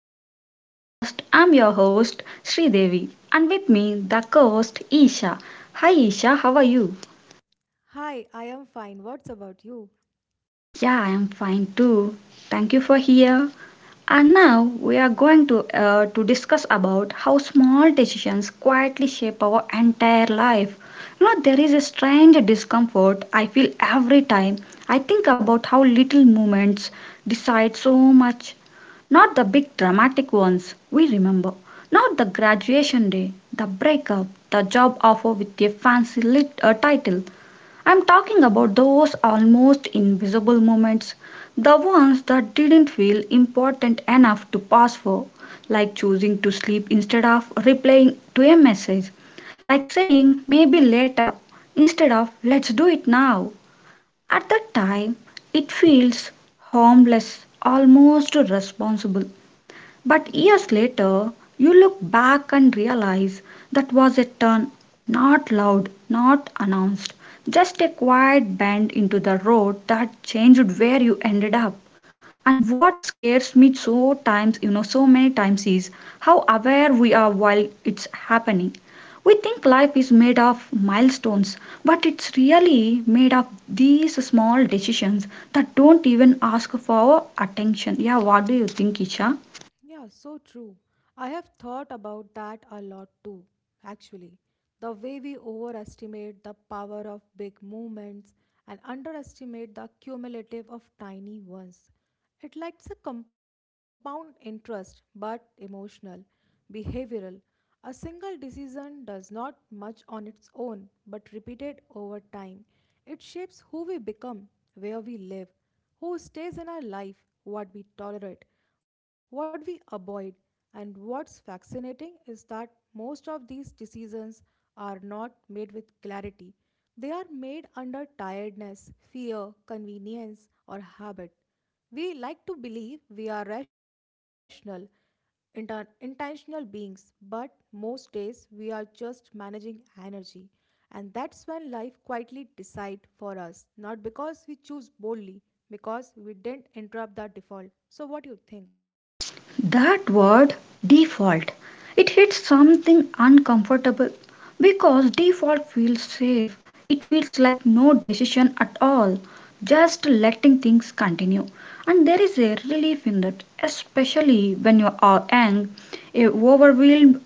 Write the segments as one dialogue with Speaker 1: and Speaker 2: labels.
Speaker 1: back to the podcast. I'm your host Sridevi and with me the co-host Isha. Hi Isha, how are you?
Speaker 2: Hi, I am fine. What's about you?
Speaker 1: Yeah, I am fine too. Thank you for here. And now we are going to discuss about how small decisions quietly shape our entire life. There is a strange discomfort I feel every time I think about how little moments decide so much. Not the big dramatic ones we remember, not the graduation day, the breakup, the job offer with a fancy title. I'm talking about those almost invisible moments, the ones that didn't feel important enough to pass for, like choosing to sleep instead of replying to a message, like saying maybe later instead of let's do it now. At that time, it feels harmless, almost responsible. But years later, you look back and realize that was a turn, not loud, not announced, just a quiet bend into the road that changed where you ended up. And what scares me so many times is how aware we are while it's happening. We think life is made of milestones, but it's really made of these small decisions that don't even ask for our attention. Yeah, what do you think, Isha?
Speaker 2: Yeah, so true. I have thought about that a lot too, actually. The way we overestimate the power of big movements and underestimate the cumulative of tiny ones. It likes a compound interest, but emotional, behavioral. A single decision does not much on its own, but repeated over time. It shapes who we become, where we live, who stays in our life, what we tolerate what we avoid. And what's fascinating is that most of these decisions are not made with clarity. They are made under tiredness, fear, convenience, or habit. We like to believe we are rational, intentional beings, but most days we are just managing energy. And that's when life quietly decide for us, not because we choose boldly, because we didn't interrupt the default. So what do you think?
Speaker 1: That word default, it hits something uncomfortable because default feels safe. It feels like no decision at all, just letting things continue. And there is a relief in that, especially when you are young, overwhelmed,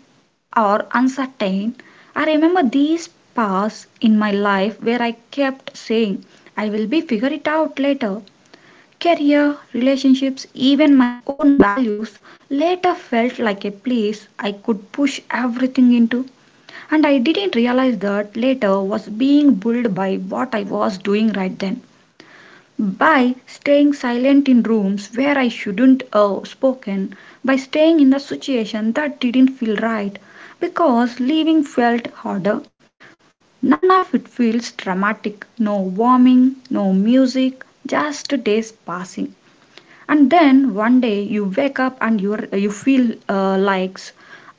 Speaker 1: or uncertain. I remember these paths in my life where I kept saying, I will be figure it out later. Career, relationships, even my own values later felt like a place I could push everything into. And I didn't realize that later was being built by what I was doing right then. By staying silent in rooms where I shouldn't have spoken, by staying in a situation that didn't feel right, because leaving felt harder. None of it feels dramatic. No warming, no music, just days passing, and then one day you wake up and you feel like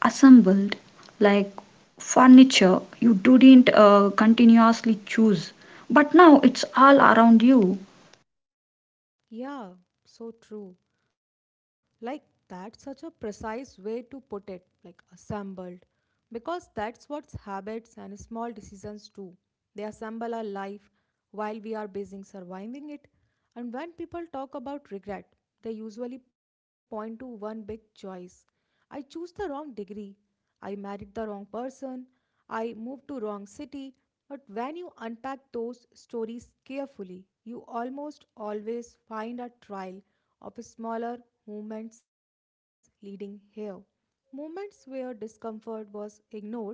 Speaker 1: assembled, like furniture you didn't continuously choose, but now it's all around you.
Speaker 2: Yeah, so true. Like that's such a precise way to put it, like assembled. Because that's what habits and small decisions do. They assemble our life while we are busy surviving it. And when people talk about regret, they usually point to one big choice. I choose the wrong degree. I married the wrong person. I moved to wrong city. But when you unpack those stories carefully, you almost always find a trail of smaller movements leading here. Moments where discomfort was ignored,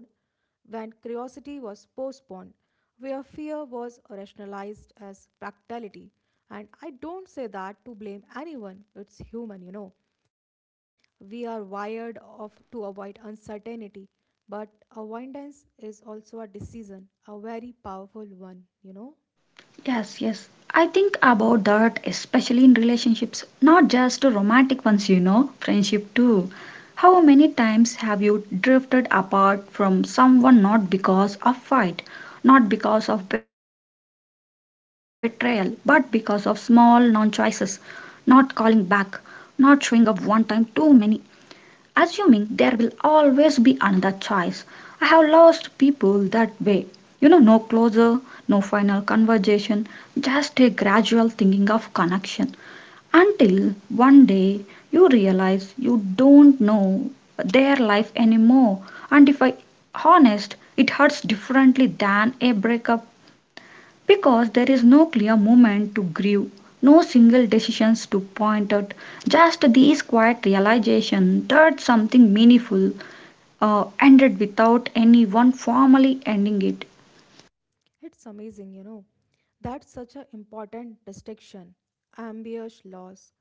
Speaker 2: when curiosity was postponed, where fear was rationalized as practicality. And I don't say that to blame anyone, it's human, you know. We are wired of, to avoid uncertainty, but avoidance is also a decision, a very powerful one, you know.
Speaker 1: Yes, yes. I think about that, especially in relationships, not just romantic ones, friendship too. How many times have you drifted apart from someone not because of fight, not because of betrayal, but because of small non choices, not calling back, not showing up one time too many, assuming there will always be another choice. I have lost people that way. No closure, no final conversation, just a gradual thinking of connection. Until one day you realize you don't know their life anymore. And if I honest, it hurts differently than a breakup because there is no clear moment to grieve, no single decisions to point out, just these quiet realization that something meaningful ended without anyone formally ending it.
Speaker 2: It's amazing, you know. That's such an important distinction. Ambience loss.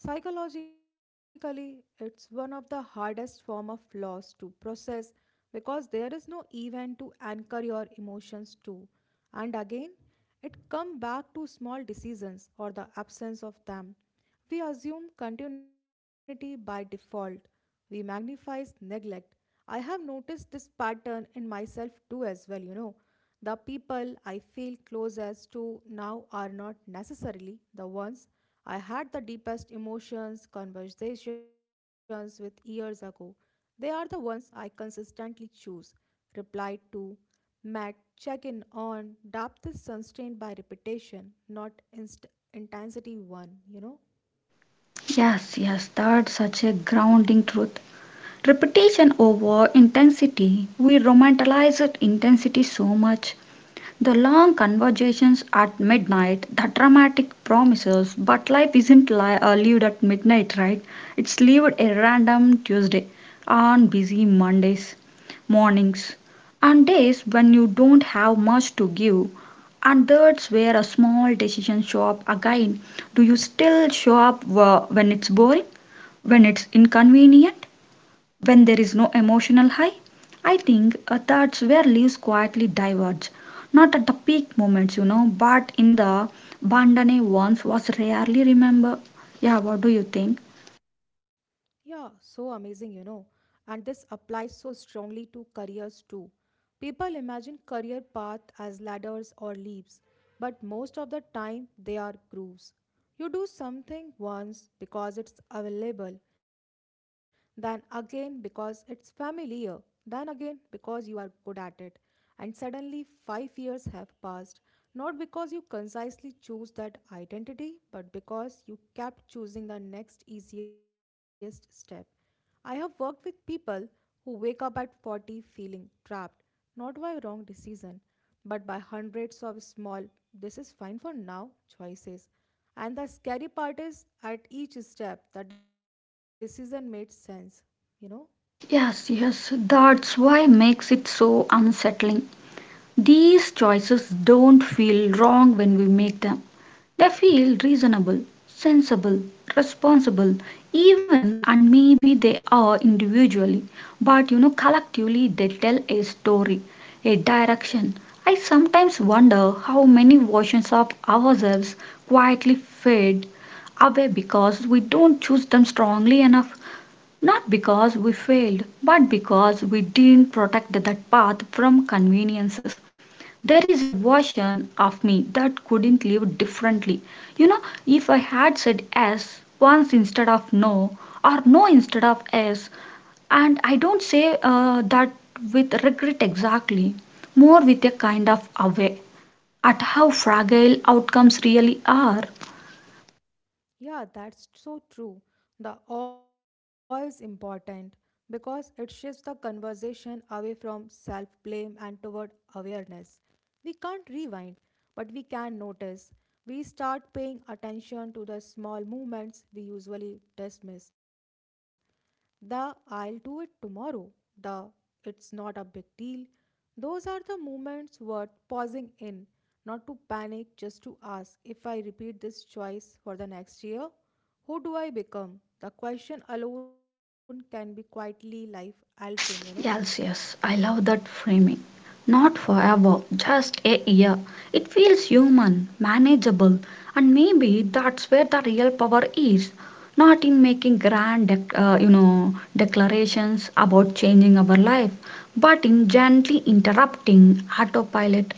Speaker 2: Psychologically, it's one of the hardest form of loss to process because there is no event to anchor your emotions to. And again, it comes back to small decisions or the absence of them. We assume continuity by default. We magnify neglect. I have noticed this pattern in myself too as well, you know. The people I feel closest to now are not necessarily the ones I had the deepest emotions, conversations with years ago. They are the ones I consistently choose, replied to, met, check in on. Depth is sustained by repetition, not intensity one, you know.
Speaker 1: Yes, yes, that's such a grounding truth. Repetition over intensity. We romanticize intensity so much, the long conversations at midnight, the dramatic promises, but life isn't lived at midnight, right? It's lived a random Tuesday, on busy Mondays, mornings, and days when you don't have much to give. And that's where a small decision show up again. Do you still show up when it's boring, when it's inconvenient, when there is no emotional high? I think that's where leaves quietly diverge. Not at the peak moments, but in the Bandane once was rarely remember. Yeah, what do you think?
Speaker 2: Yeah, so amazing, you know. And this applies so strongly to careers too. People imagine career path as ladders or leaps, but most of the time they are grooves. You do something once because it's available then again because it's familiar, then again because you are good at it. And suddenly, 5 years have passed, not because you concisely choose that identity, but because you kept choosing the next easiest step. I have worked with people who wake up at 40 feeling trapped, not by a wrong decision, but by hundreds of small, this is fine for now choices. And the scary part is at each step, the decision made sense, you know?
Speaker 1: Yes, yes, that's why makes it so unsettling. These choices don't feel wrong when we make them. They feel reasonable, sensible, responsible, even and maybe they are individually, but collectively they tell a story, a direction. I sometimes wonder how many versions of ourselves quietly fade away because we don't choose them strongly enough, not because we failed, but because we didn't protect that path from conveniences. There is a version of me that couldn't live differently. If I had said yes once instead of no, or no instead of yes, and I don't say that with regret exactly, more with a kind of awe at how fragile outcomes really are.
Speaker 2: Yeah, that's so true. The awe is important because it shifts the conversation away from self blame and toward awareness. We can't rewind, but we can notice. We start paying attention to the small movements we usually dismiss the I'll do it tomorrow, the it's not a big deal. Those are the moments worth pausing in, not to panic, just to ask if I repeat this choice for the next year, who do I become? The question alone can be quietly life altering, you know.
Speaker 1: Yes, yes, I love that framing. Not forever, just a year. It feels human, manageable, and maybe that's where the real power is. Not in making grand, declarations about changing our life, but in gently interrupting autopilot,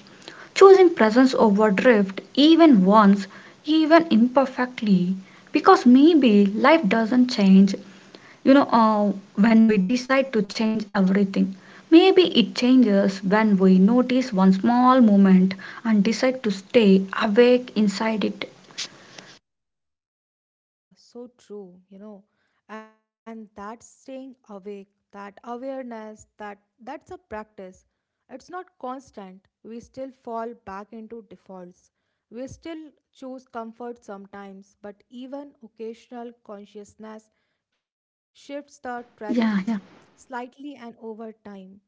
Speaker 1: choosing presence over drift, even once, even imperfectly, because maybe life doesn't change you know uh, when we decide to change everything. Maybe it changes when we notice one small moment and decide to stay awake inside it.
Speaker 2: Yeah, so true, you know. And that's staying awake, that awareness, that's a practice. It's not constant. We still fall back into defaults. We still choose comfort sometimes, but even occasional consciousness shifts the tragedy
Speaker 1: Yeah, yeah.
Speaker 2: slightly and over time.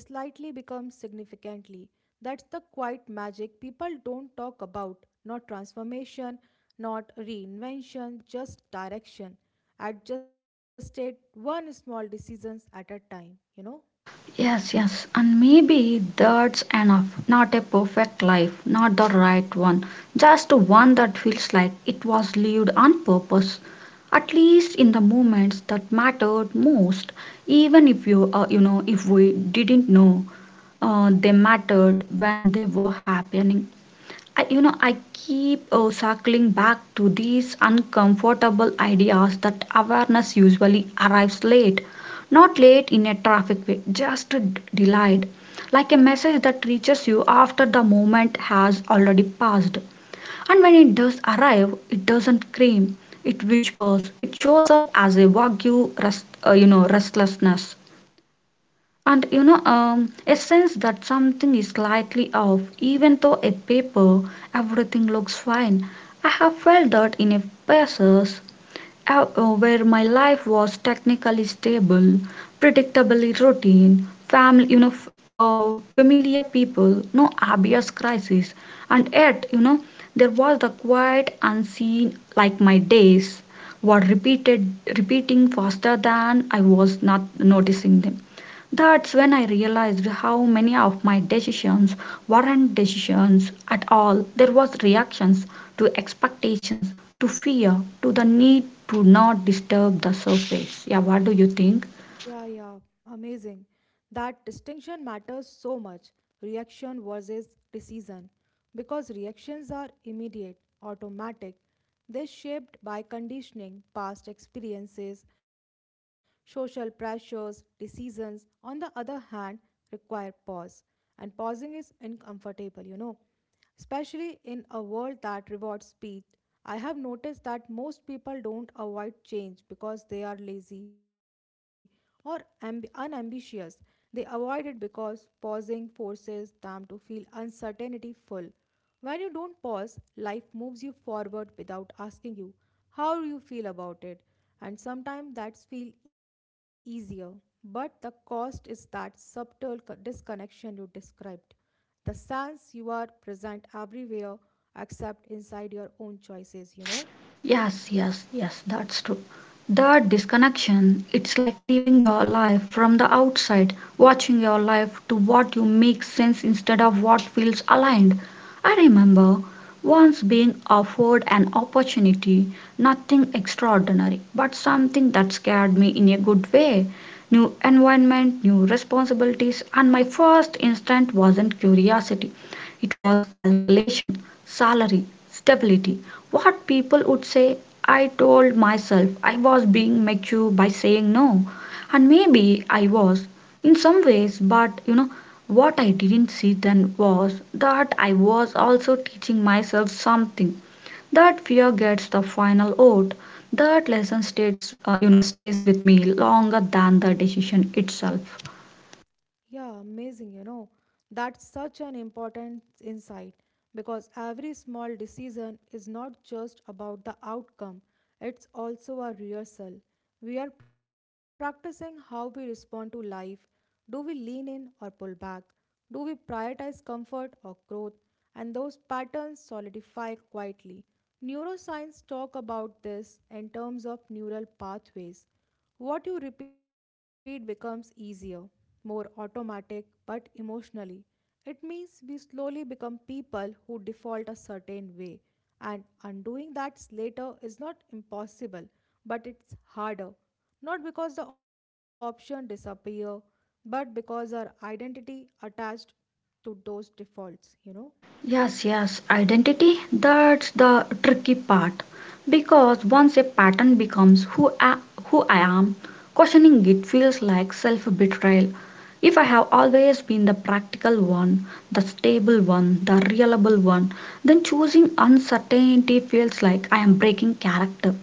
Speaker 2: Slightly becomes significantly. That's the quiet magic people don't talk about. Not transformation, not reinvention, just direction. Adjusted one small decisions at a time, you know?
Speaker 1: Yes, yes, and maybe that's enough. Not a perfect life, not the right one, just one that feels like it was lived on purpose. At least in the moments that mattered most, even if we didn't know they mattered when they were happening. I keep circling back to these uncomfortable ideas that awareness usually arrives late. Not late in a traffic way, just delayed. Like a message that reaches you after the moment has already passed. And when it does arrive, it doesn't scream, it whispers, it shows up as a vague, restlessness. And a sense that something is slightly off, even though a paper, everything looks fine. I have felt that in a places where my life was technically stable, predictably routine, family, familiar people, no obvious crisis, and yet, there was the quiet unseen, like my days were repeating faster than I was not noticing them. That's when I realized how many of my decisions weren't decisions at all. There was reactions to expectations, to fear, to the need to not disturb the surface. Yeah, what do you think?
Speaker 2: Yeah, yeah, amazing. That distinction matters so much reaction versus decision because reactions are immediate, automatic. They're shaped by conditioning, past experiences, social pressures, decisions. On the other hand, require pause, and pausing is uncomfortable, you know. Especially in a world that rewards speed, I have noticed that most people don't avoid change because they are lazy or unambitious. They avoid it because pausing forces them to feel uncertainty full. When you don't pause, life moves you forward without asking you how you feel about it, and sometimes that's feel easier. But the cost is that subtle disconnection you described. The sense you are present everywhere except inside your own choices, you know.
Speaker 1: Yes, yes, yes, that's true. That disconnection, it's like living your life from the outside, watching your life to what you make sense instead of what feels aligned. I remember once being offered an opportunity, nothing extraordinary, but something that scared me in a good way. New environment, new responsibilities, and my first instinct wasn't curiosity. It was calculation, salary, stability, what people would say. I told myself I was being mature by saying no, and maybe I was in some ways, but what I didn't see then was that I was also teaching myself something. That fear gets the final vote. That lesson stays with me longer than the decision itself.
Speaker 2: Yeah, amazing, you know. That's such an important insight because every small decision is not just about the outcome, it's also a rehearsal. We are practicing how we respond to life. Do we lean in or pull back? Do we prioritize comfort or growth? And those patterns solidify quietly. Neuroscience talk about this in terms of neural pathways. What you repeat becomes easier, more automatic, but emotionally. It means we slowly become people who default a certain way, and undoing that later is not impossible, but it's harder. Not because the option disappear, but because our identity attached to those defaults, you know.
Speaker 1: Yes, yes, identity, that's the tricky part. Because once a pattern becomes who I am, questioning it feels like self betrayal. If I have always been the practical one, the stable one, the reliable one, then choosing uncertainty feels like I am breaking character,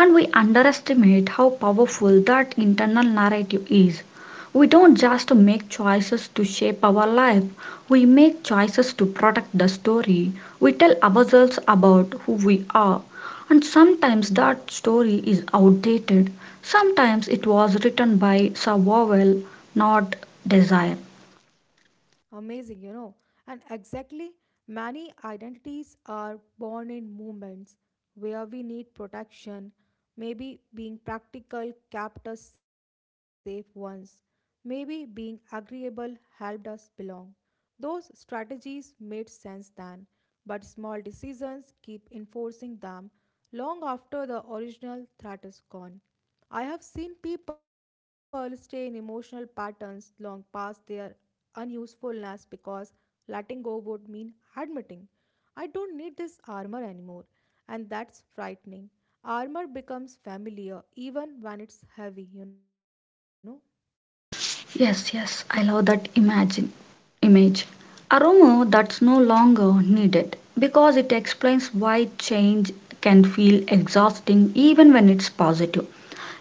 Speaker 1: and we underestimate how powerful that internal narrative is. We don't just make choices to shape our life, we make choices to protect the story we tell ourselves about who we are. And sometimes that story is outdated. Sometimes it was written by survival, not desire.
Speaker 2: Amazing, you know. And exactly, many identities are born in movements where we need protection. Maybe being practical kept us safe once. Maybe being agreeable helped us belong. Those strategies made sense then, but small decisions keep enforcing them long after the original threat is gone. I have seen people stay in emotional patterns long past their unusefulness because letting go would mean admitting, I don't need this armor anymore, and that's frightening. Armor becomes familiar even when it's heavy, you know.
Speaker 1: Yes, yes, I love that imagine image. A rumor that's no longer needed because it explains why change can feel exhausting even when it's positive.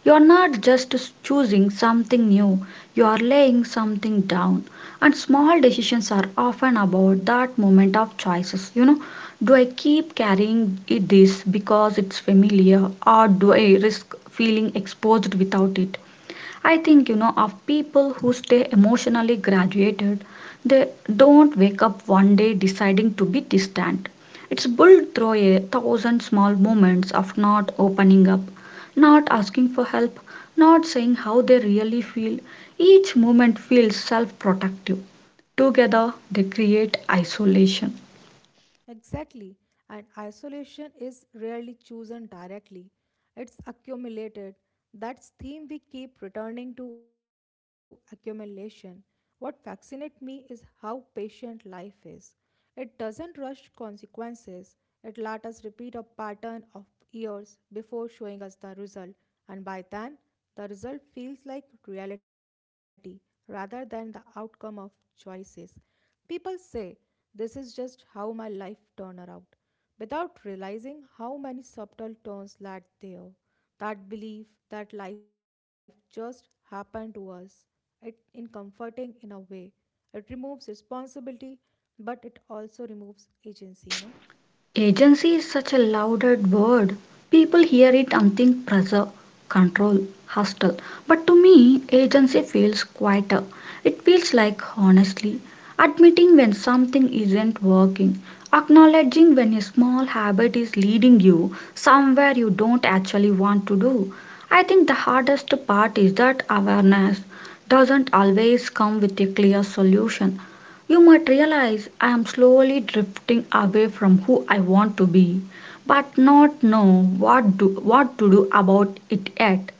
Speaker 1: You're not just choosing something new, you are laying something down. And small decisions are often about that moment of choices. Do I keep carrying it this because it's familiar, or do I risk feeling exposed without it? I think you know of people who stay emotionally graduated. They don't wake up one day deciding to be distant. It's built through a thousand small moments of not opening up, not asking for help, not saying how they really feel. Each moment feels self protective. Together, they create isolation.
Speaker 2: Exactly. And isolation is rarely chosen directly. It's accumulated. That's theme we keep returning to accumulation. What fascinates me is how patient life is. It doesn't rush consequences. It let us repeat a pattern of years before showing us the result. And by then, the result feels like reality rather than the outcome of choices. People say, this is just how my life turned out, without realizing how many subtle turns led there. That belief that life just happened to us, it in comforting in a way. It removes responsibility, but it also removes agency, you know.
Speaker 1: Agency is such a loaded word. People hear it and think pressure, control, hustle. But to me, agency feels quieter. It feels like honestly admitting when something isn't working, acknowledging when a small habit is leading you somewhere you don't actually want to do. I think the hardest part is that awareness doesn't always come with a clear solution. You might realize I am slowly drifting away from who I want to be, but not know what to do about it yet.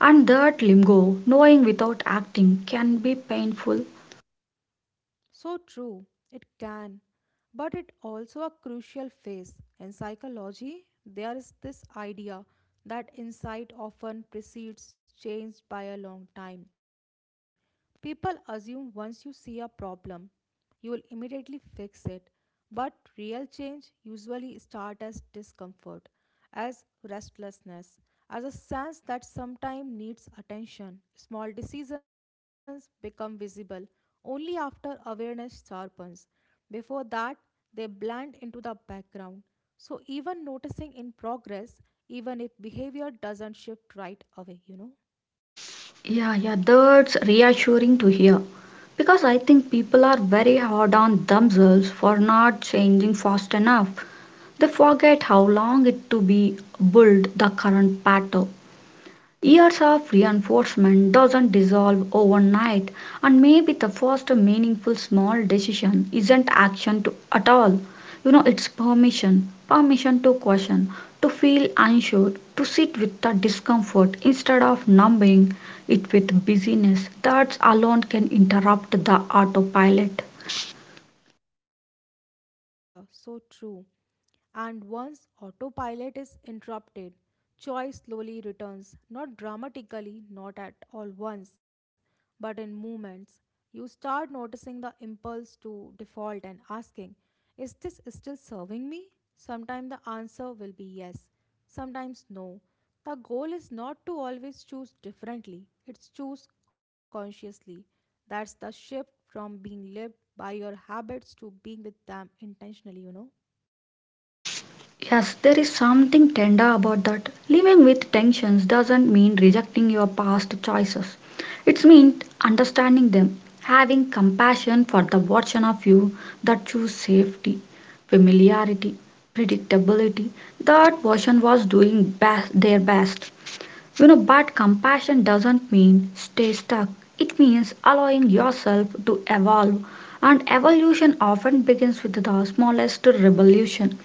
Speaker 1: And that limbo, knowing without acting, can be painful.
Speaker 2: So true, it can, but it also a crucial phase. In psychology, there is this idea that insight often precedes change by a long time. People assume once you see a problem, you will immediately fix it. But real change usually starts as discomfort, as restlessness, as a sense that sometime needs attention. Small decisions become visible only after awareness sharpens. Before that, they blend into the background. So, even noticing in progress, even if behavior doesn't shift right away, you know?
Speaker 1: Yeah, yeah, that's reassuring to hear. Because I think people are very hard on themselves for not changing fast enough. They forget how long it to be build the current pattern. Years of reinforcement doesn't dissolve overnight, and maybe the first meaningful small decision isn't action to, at all. It's permission to question, to feel unsure, to sit with the discomfort instead of numbing it with busyness. That alone can interrupt the autopilot.
Speaker 2: Yeah, so true. And once autopilot is interrupted, choice slowly returns, not dramatically, not at all once, but in moments. You start noticing the impulse to default and asking, is this still serving me? Sometimes the answer will be yes, sometimes no. The goal is not to always choose differently, it's choose consciously. That's the shift from being lived by your habits to being with them intentionally, you know.
Speaker 1: Yes, there is something tender about that. Living with tensions doesn't mean rejecting your past choices. It means understanding them, having compassion for the version of you that chose safety, familiarity, predictability. That version was doing best, their best. You know, but compassion doesn't mean stay stuck. It means allowing yourself to evolve. And evolution often begins with the smallest revolution.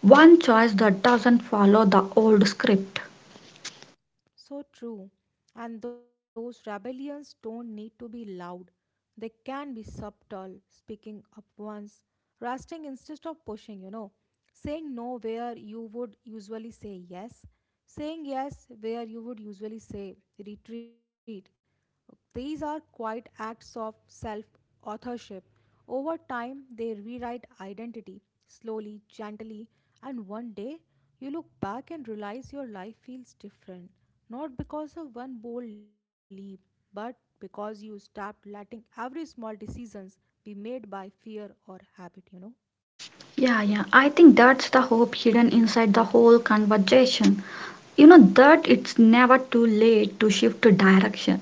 Speaker 1: One choice that doesn't follow the old script.
Speaker 2: So true. And those rebellions don't need to be loud. They can be subtle, speaking up once, resting instead of pushing, you know. Saying no where you would usually say yes, saying yes where you would usually say retreat, these are quite acts of self authorship. Over time, they rewrite identity slowly, gently, and one day you look back and realize your life feels different, not because of one bold leap, but because you stopped letting every small decisions be made by fear or habit, you know.
Speaker 1: Yeah, yeah, I think that's the hope hidden inside the whole conversation. You know, that it's never too late to shift to direction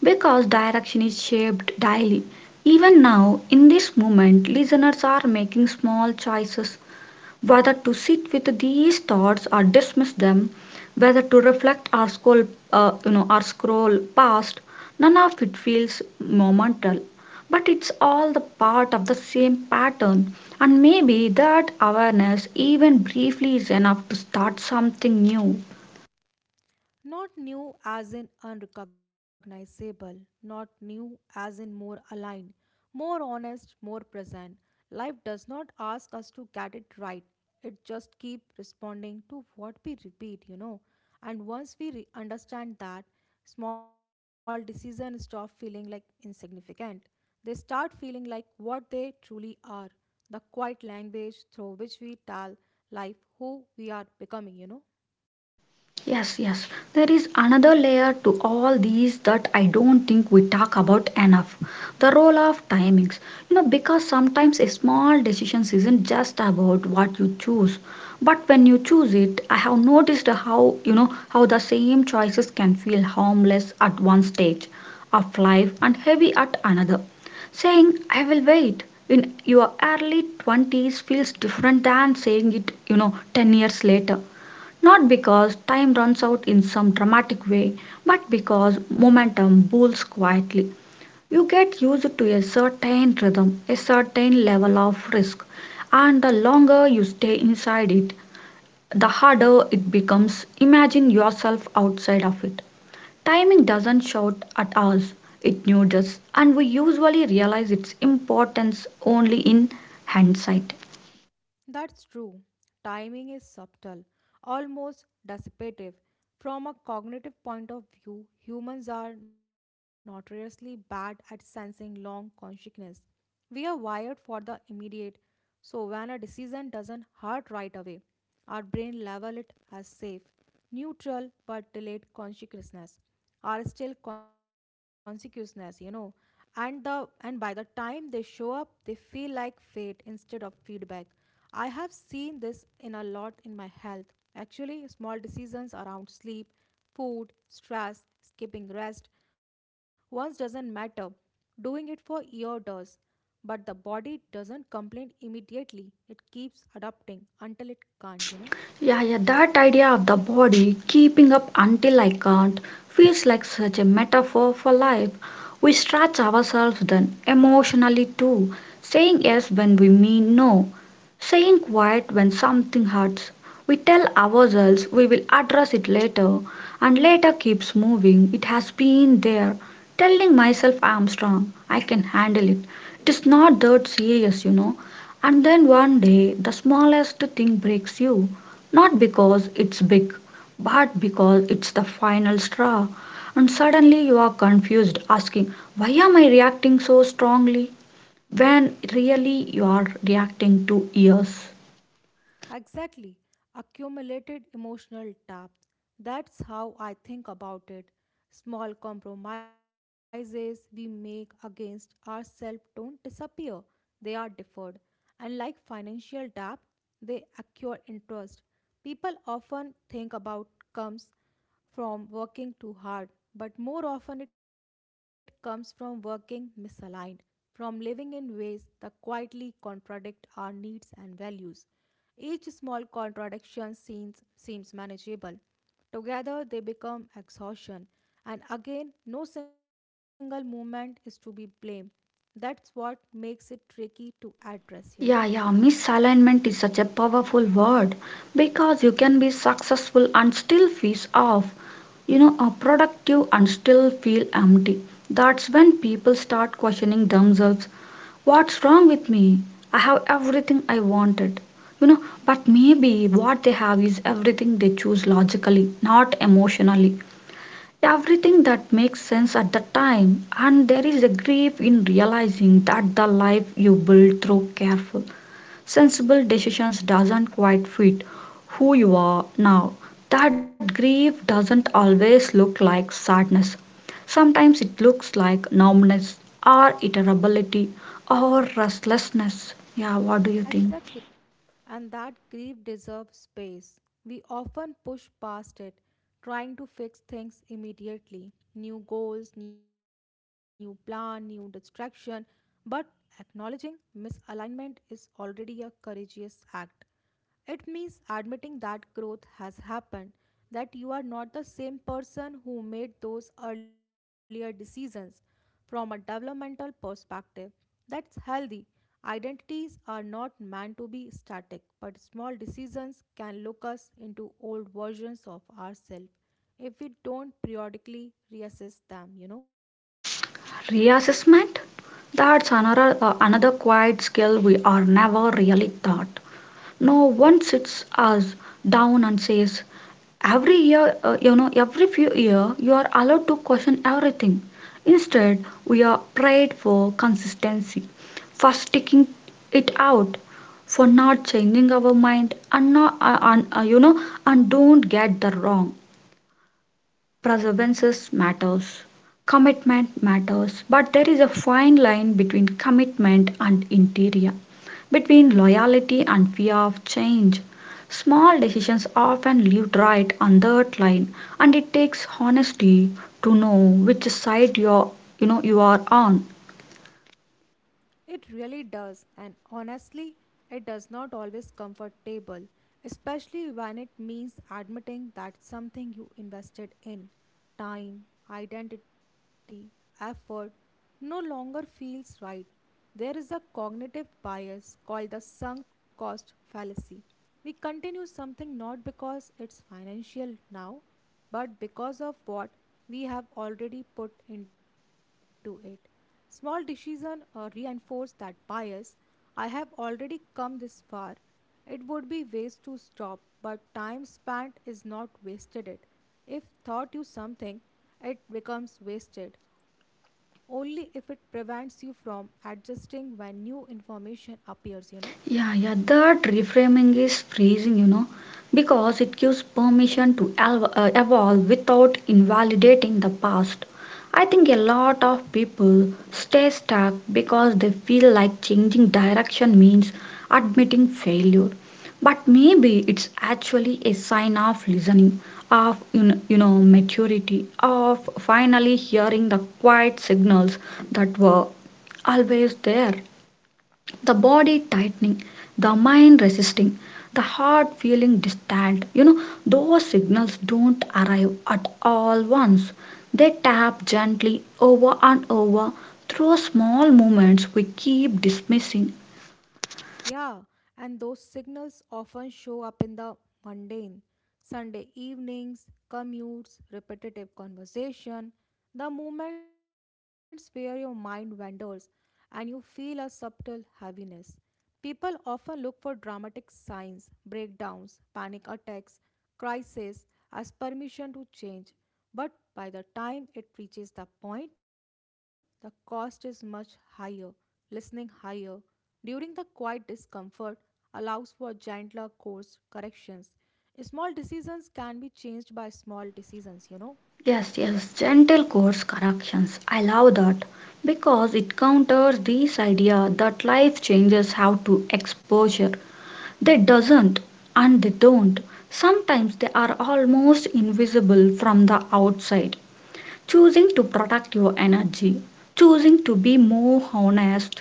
Speaker 1: because direction is shaped daily. Even now, in this moment, listeners are making small choices, whether to sit with these thoughts or dismiss them, whether to reflect or scroll, you know, or scroll past. None of it feels momental. But it's all the part of the same pattern, and maybe that awareness, even briefly, is enough to start something new.
Speaker 2: Not new as in unrecognizable, not new as in more aligned, more honest, more present. Life does not ask us to get it right. It just keeps responding to what we repeat, you know. And once we understand that, small decisions stop feeling like insignificant. They start feeling like what they truly are the quiet language through which we tell life who we are becoming, you know.
Speaker 1: Yes, yes. There is another layer to all these that I don't think we talk about enough, the role of timings. You know, because sometimes a small decision isn't just about what you choose, but when you choose it. I have noticed how, you know, how the same choices can feel harmless at one stage of life and heavy at another. Saying, "I will wait" in your early 20s feels different than saying it, you know, 10 years later, not because time runs out in some dramatic way, but because momentum builds quietly. You get used to a certain rhythm, a certain level of risk, and the longer you stay inside it, the harder it becomes. Imagine yourself outside of it. Timing doesn't shout at us, it nudges, and we usually realize its importance only in hindsight.
Speaker 2: That's true. Timing is subtle, almost dissipative. From a cognitive point of view, humans are notoriously bad at sensing long consciousness. We are wired for the immediate, so when a decision doesn't hurt right away, our brain level it as safe, neutral but delayed consciousness are still consciousness, you know. And the and by the time they show up they feel like fate instead of feedback. I have seen this in a lot in my health, actually. Small decisions around sleep, food, stress, skipping rest once doesn't matter, doing it for year does. But the body doesn't complain immediately, it keeps adapting until it can't, you know.
Speaker 1: Yeah, yeah, that idea of the body keeping up until I can't feels like such a metaphor for life. We stretch ourselves then emotionally too, saying yes when we mean no, saying quiet when something hurts. We tell ourselves we will address it later, and later keeps moving. It has been there, telling myself I am strong, I can handle it. It is not that serious, you know. And then one day, the smallest thing breaks you. Not because it's big, but because it's the final straw. And suddenly you are confused, asking, "Why am I reacting so strongly?" When really you are reacting to years.
Speaker 2: Exactly. Accumulated emotional tap. That's how I think about it. Small compromises we make against ourselves don't disappear, they are deferred. And like financial debt, they accrue interest. People often think about comes from working too hard, but more often it comes from working misaligned, from living in ways that quietly contradict our needs and values. Each small contradiction seems manageable. Together they become exhaustion, and again, no single movement is to be blamed. That's what makes it tricky to address.
Speaker 1: Yeah, yeah, misalignment is such a powerful word because you can be successful and still feel off, you know, are productive and still feel empty. That's when people start questioning themselves. What's wrong with me? I have everything I wanted. You know, but maybe what they have is everything they choose logically, not emotionally. Everything that makes sense at the time, and there is a grief in realizing that the life you build through careful, sensible decisions doesn't quite fit who you are now. That grief doesn't always look like sadness. Sometimes it looks like numbness, or irritability, or restlessness. Yeah, what do you think?
Speaker 2: Exactly. And that grief deserves space. We often push past it, trying to fix things immediately new goals, new plan, new distraction. But acknowledging misalignment is already a courageous act. It means admitting that growth has happened, that you are not the same person who made those earlier decisions. From a developmental perspective, that's healthy. Identities are not meant to be static, but small decisions can lock us into old versions of ourselves if we don't periodically reassess them.
Speaker 1: Reassessment, that's another another quiet skill we are never really taught. No one sits us down and says every year, you know, every few year you are allowed to question everything. Instead we are prayed for consistency, for sticking it out, for not changing our mind, and not you know, and don't get the wrong. Perseverance matters, commitment matters, but there is a fine line between commitment and interior, between loyalty and fear of change. Small decisions often live right on that line, and it takes honesty to know which side you're, you know, you are on.
Speaker 2: It really does, and honestly, it does not always comfortable, especially when it means admitting that something you invested in time, identity, effort no longer feels right. There is a cognitive bias called the sunk cost fallacy. We continue something not because it's financial now, but because of what we have already put into it. Small decisions reinforce that bias. I have already come this far. It would be waste to stop, but time spent is not wasted. It. If taught you something, it becomes wasted only if it prevents you from adjusting when new information appears.
Speaker 1: Yeah, yeah, that reframing is freezing, you know, because it gives permission to evolve without invalidating the past. I think a lot of people stay stuck because they feel like changing direction means admitting failure. But maybe it's actually a sign of listening, of you know, maturity, of finally hearing the quiet signals that were always there: the body tightening, the mind resisting, the heart feeling distant. You know, those signals don't arrive at all once. They tap gently over and over through small movements we keep dismissing.
Speaker 2: Yeah, and those signals often show up in the mundane Sunday evenings, commutes, repetitive conversation, the moments where your mind wanders and you feel a subtle heaviness. People often look for dramatic signs, breakdowns, panic attacks, crises as permission to change. But by the time it reaches the point, the cost is much higher, listening higher. During the quiet discomfort allows for gentler course corrections. Small decisions can be changed by small decisions.
Speaker 1: Yes, yes, gentle course corrections. I love that because it counters this idea that life changes have to exposure. They doesn't and they don't. Sometimes they are almost invisible from the outside. Choosing to protect your energy, choosing to be more honest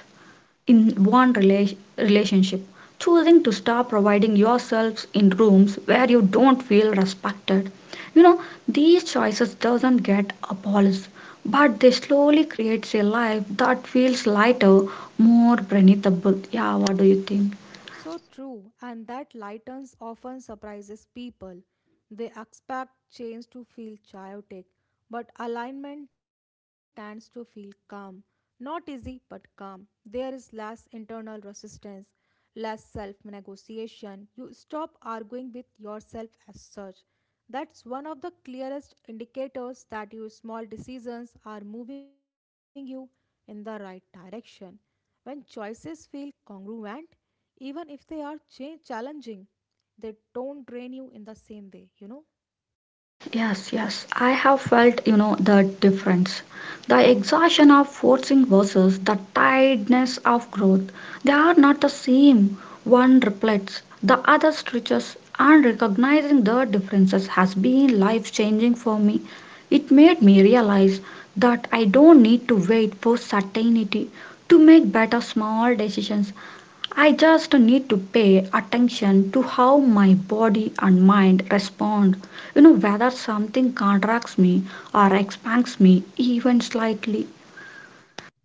Speaker 1: in one relationship, choosing to stop providing yourselves in rooms where you don't feel respected. You know, these choices doesn't get abolished, but they slowly creates a life that feels lighter, more breathable. Yeah, what do you think?
Speaker 2: So true, and that lightens often surprises people. They expect change to feel chaotic, but alignment tends to feel calm. Not easy, but calm. There is less internal resistance, less self negotiation. You stop arguing with yourself as such. That's one of the clearest indicators that your small decisions are moving you in the right direction. When choices feel congruent, even if they are challenging, they don't drain you in the same way?
Speaker 1: Yes, yes, I have felt, you know, the difference. The exhaustion of forcing versus the tiredness of growth, they are not the same. One reflects, the other stretches, and recognizing the differences has been life changing for me. It made me realize that I don't need to wait for certainty to make better small decisions. I just need to pay attention to how my body and mind respond. You know, whether something contracts me or expands me even slightly.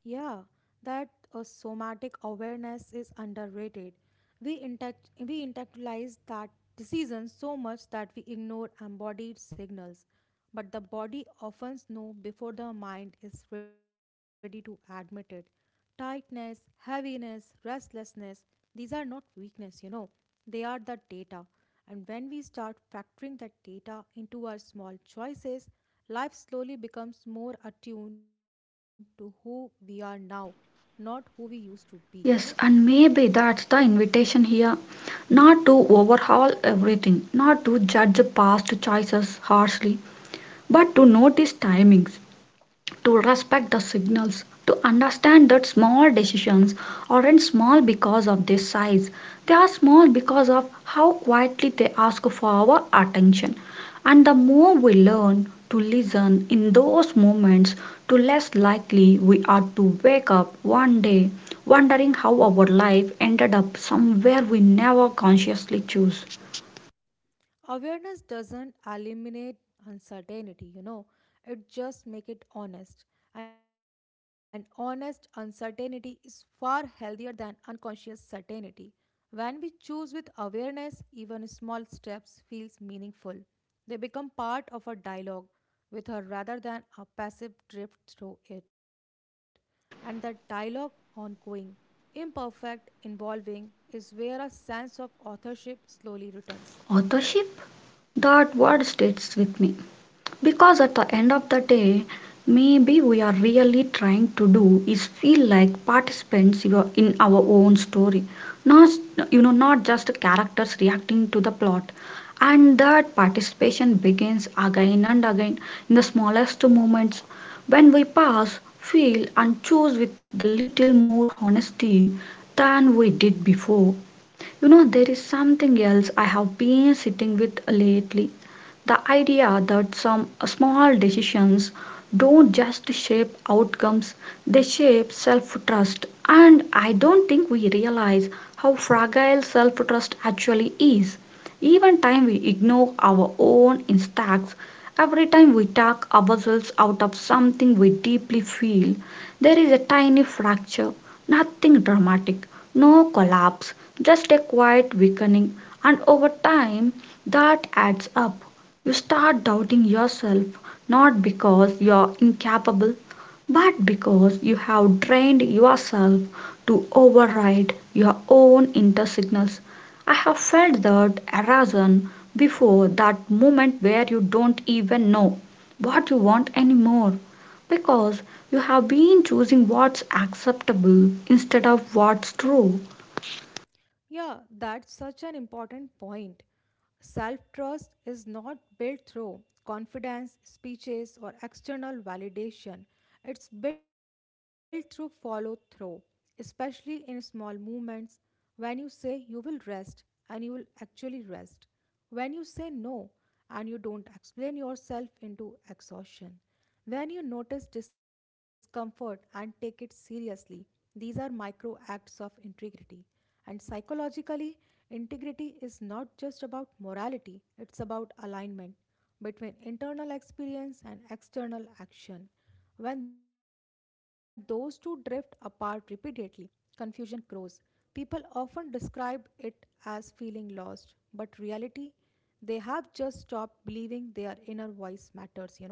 Speaker 2: Yeah, that somatic awareness is underrated. We intellectualize that decision so much that we ignore embodied signals, but the body often knows before the mind is ready to admit it. Tightness, heaviness, restlessness, these are not weakness. They are the data. And when we start factoring that data into our small choices, life slowly becomes more attuned to who we are now not who we used to be.
Speaker 1: Yes, and maybe that's the invitation here. Not to overhaul everything, not to judge past choices harshly, but to notice timings, to respect the signals, to understand that small decisions aren't small because of their size. They are small because of how quietly they ask for our attention. And the more we learn to listen in those moments, the less likely we are to wake up one day wondering how our life ended up somewhere we never consciously chose.
Speaker 2: Awareness doesn't eliminate uncertainty, it just make it honest. And honest uncertainty is far healthier than unconscious certainty. When we choose with awareness, even small steps feels meaningful. They become part of a dialogue with her rather than a passive drift through it. And that dialogue ongoing, imperfect, involving is where a sense of authorship slowly returns.
Speaker 1: Authorship? That word stays with me. Because at the end of the day, maybe we are really trying to do is feel like participants, you know, in our own story, not, you know, not just characters reacting to the plot. And that participation begins again and again in the smallest moments when we pause, feel, and choose with a little more honesty than we did before. You know, there is something else I have been sitting with lately. The idea that some small decisions don't just shape outcomes, they shape self trust. And I don't think we realize how fragile self trust actually is. Even time we ignore our own instincts, every time we talk ourselves out of something we deeply feel, there is a tiny fracture, nothing dramatic, no collapse, just a quiet weakening, and over time that adds up. You start doubting yourself, not because you're incapable, but because you have trained yourself to override your own inner signals. I have felt that erosion before, that moment where you don't even know what you want anymore because you have been choosing what's acceptable instead of what's true.
Speaker 2: Yeah, that's such an important point. Self trust is not built through confidence, speeches, or external validation. It's built through follow through, especially in small movements. When you say you will rest and you will actually rest, when you say no and you don't explain yourself into exhaustion. When you notice discomfort and take it seriously, these are micro acts of integrity. And psychologically, integrity is not just about morality, it's about alignment between internal experience and external action. When those two drift apart repeatedly, confusion grows. People often describe it as feeling lost, but reality, they have just stopped believing their inner voice matters.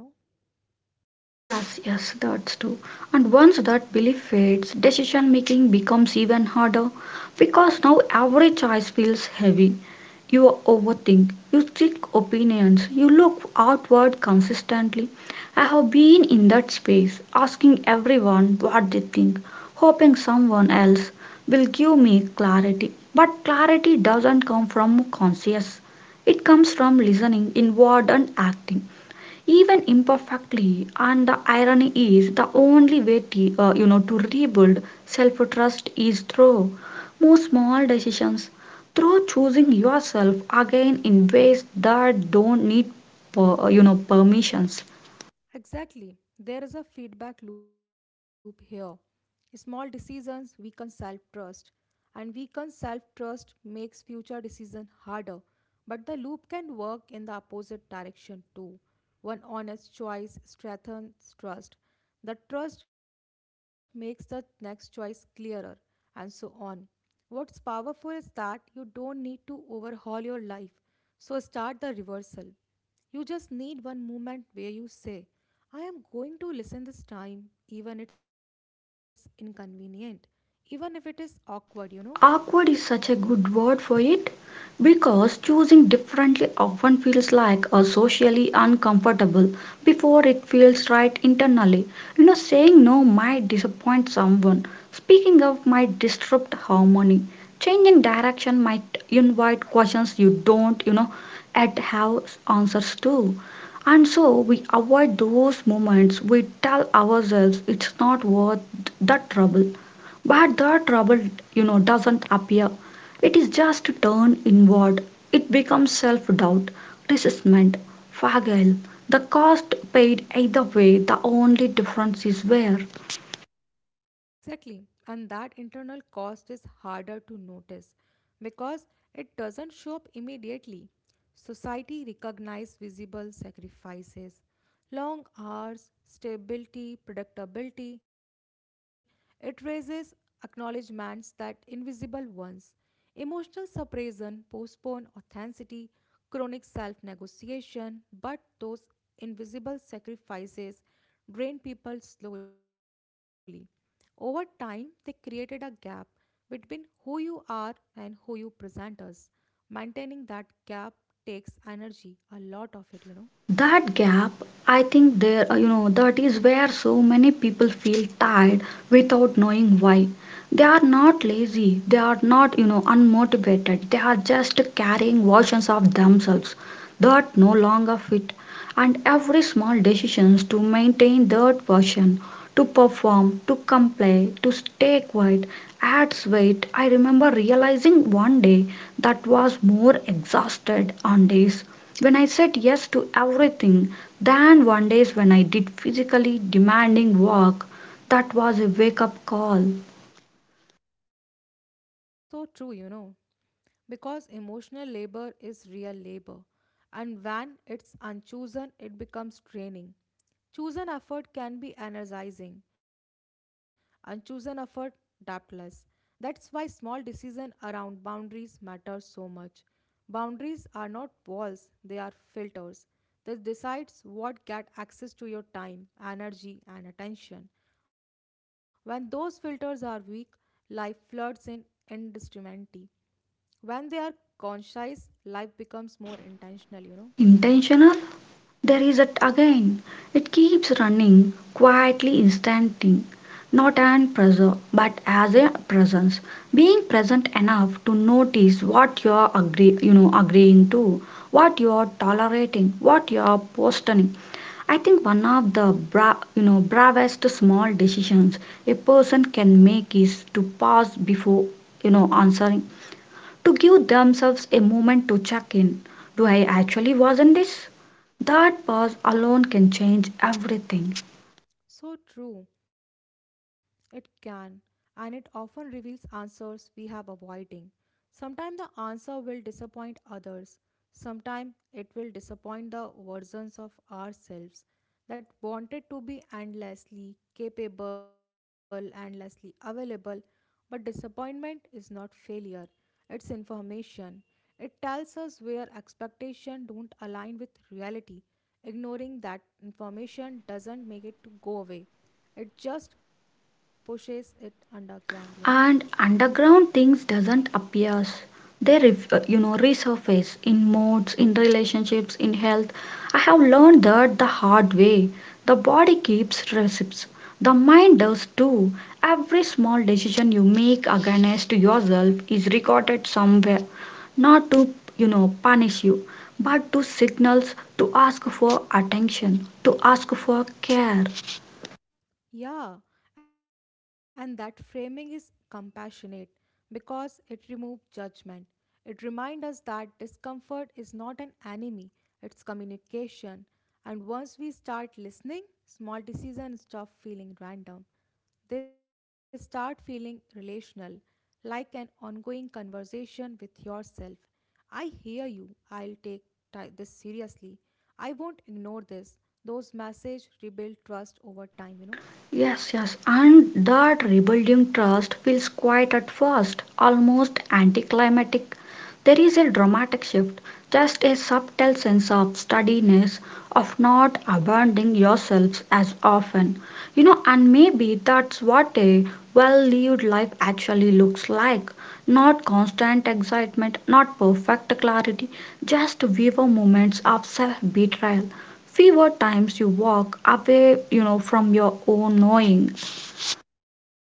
Speaker 1: Yes, yes, that's true. And once that belief fades, decision making becomes even harder because now every choice feels heavy. You overthink, you seek opinions, you look outward consistently. I have been in that space, asking everyone what they think, hoping someone else will give me clarity. But clarity doesn't come from conscious, it comes from listening inward and acting even imperfectly. And the irony is the only way to, you know, to rebuild self trust is through more small decisions, through choosing yourself again in ways that don't need you know, permissions.
Speaker 2: Exactly. There is a feedback loop here. Small decisions weaken self trust, and weakened self trust makes future decision harder. But the loop can work in the opposite direction too. One honest choice strengthens trust. The trust makes the next choice clearer, and so on. What's powerful is that you don't need to overhaul your life. So start the reversal. You just need one moment where you say, I am going to listen this time, even it's inconvenient, even if it is awkward.
Speaker 1: Awkward is such a good word for it because choosing differently often feels like a socially uncomfortable before it feels right internally. You know, saying no might disappoint someone, speaking up might disrupt harmony, changing direction might invite questions you don't, you know, at have answers to. And so we avoid those moments. We tell ourselves it's not worth the trouble. But the trouble, you know, doesn't appear. It is just turned inward. It becomes self doubt, resentment, fragile. The cost paid either way, the only difference is where.
Speaker 2: Exactly. And that internal cost is harder to notice because it doesn't show up immediately. Society recognizes visible sacrifices, long hours, stability, predictability. It raises acknowledgments that invisible ones. Emotional suppression, postponed authenticity, chronic self negotiation, but those invisible sacrifices drain people slowly. Over time, they created a gap between who you are and who you present as. Maintaining that gap takes energy, a lot of it.
Speaker 1: That gap, I think there, you know, that is where so many people feel tired without knowing why. They are not lazy, they are not, you know, unmotivated, they are just carrying versions of themselves that no longer fit. And every small decisions to maintain that version, to perform, to comply, to stay quiet, adds weight. I remember realizing one day that was more exhausted on days when I said yes to everything, then one day when I did physically demanding work. That was a wake up call.
Speaker 2: So true. Because emotional labor is real labor, and when it's unchosen, it becomes draining. Chosen effort can be energizing, unchosen effort, depthless. That's why small decisions around boundaries matter so much. Boundaries are not walls, they are filters that decides what get access to your time, energy, and attention. When those filters are weak, life floods in indiscriminately when they are conscious life becomes more intentional
Speaker 1: Intentional? There is it again. It keeps running, quietly instanting, not an pressure, but as a presence. Being present enough to notice what you are agree, agreeing to, what you are tolerating, what you are postponing, I think one of the bravest small decisions a person can make is to pause before answering, to give themselves a moment to check in. Do I actually wasn't this? That pause alone can change everything.
Speaker 2: so true it can and it often reveals answers we have avoiding sometimes the answer will disappoint others sometimes it will disappoint the versions of ourselves that wanted to be endlessly capable, endlessly available. But disappointment is not failure, it's information. It tells us where expectations don't align with reality. Ignoring that information doesn't make it to go away. It just pushes it underground.
Speaker 1: And underground things doesn't appears, they resurface in moods, in relationships, in health. I have learned that the hard way. The body keeps receipts, the mind does too. Every small decision you make against yourself is recorded somewhere, not to punish you, but to signals, to ask for attention, to ask for care.
Speaker 2: Yeah, and that framing is compassionate because it removes judgment. It reminds us that discomfort is not an enemy, it's communication. And once we start listening, small decisions stop feeling random. They start feeling relational, like an ongoing conversation with yourself. I hear you. I'll take this seriously. I won't ignore this. Those messages rebuild trust over time.
Speaker 1: Yes, yes, and that rebuilding trust feels quiet at first, almost anticlimactic. There is a dramatic shift, just a subtle sense of steadiness, of not abandoning yourselves as often. You know, and maybe that's what a well lived life actually looks like. Not constant excitement, not perfect clarity, just vivid moments of self betrayal, fewer times you walk away, from your own knowing.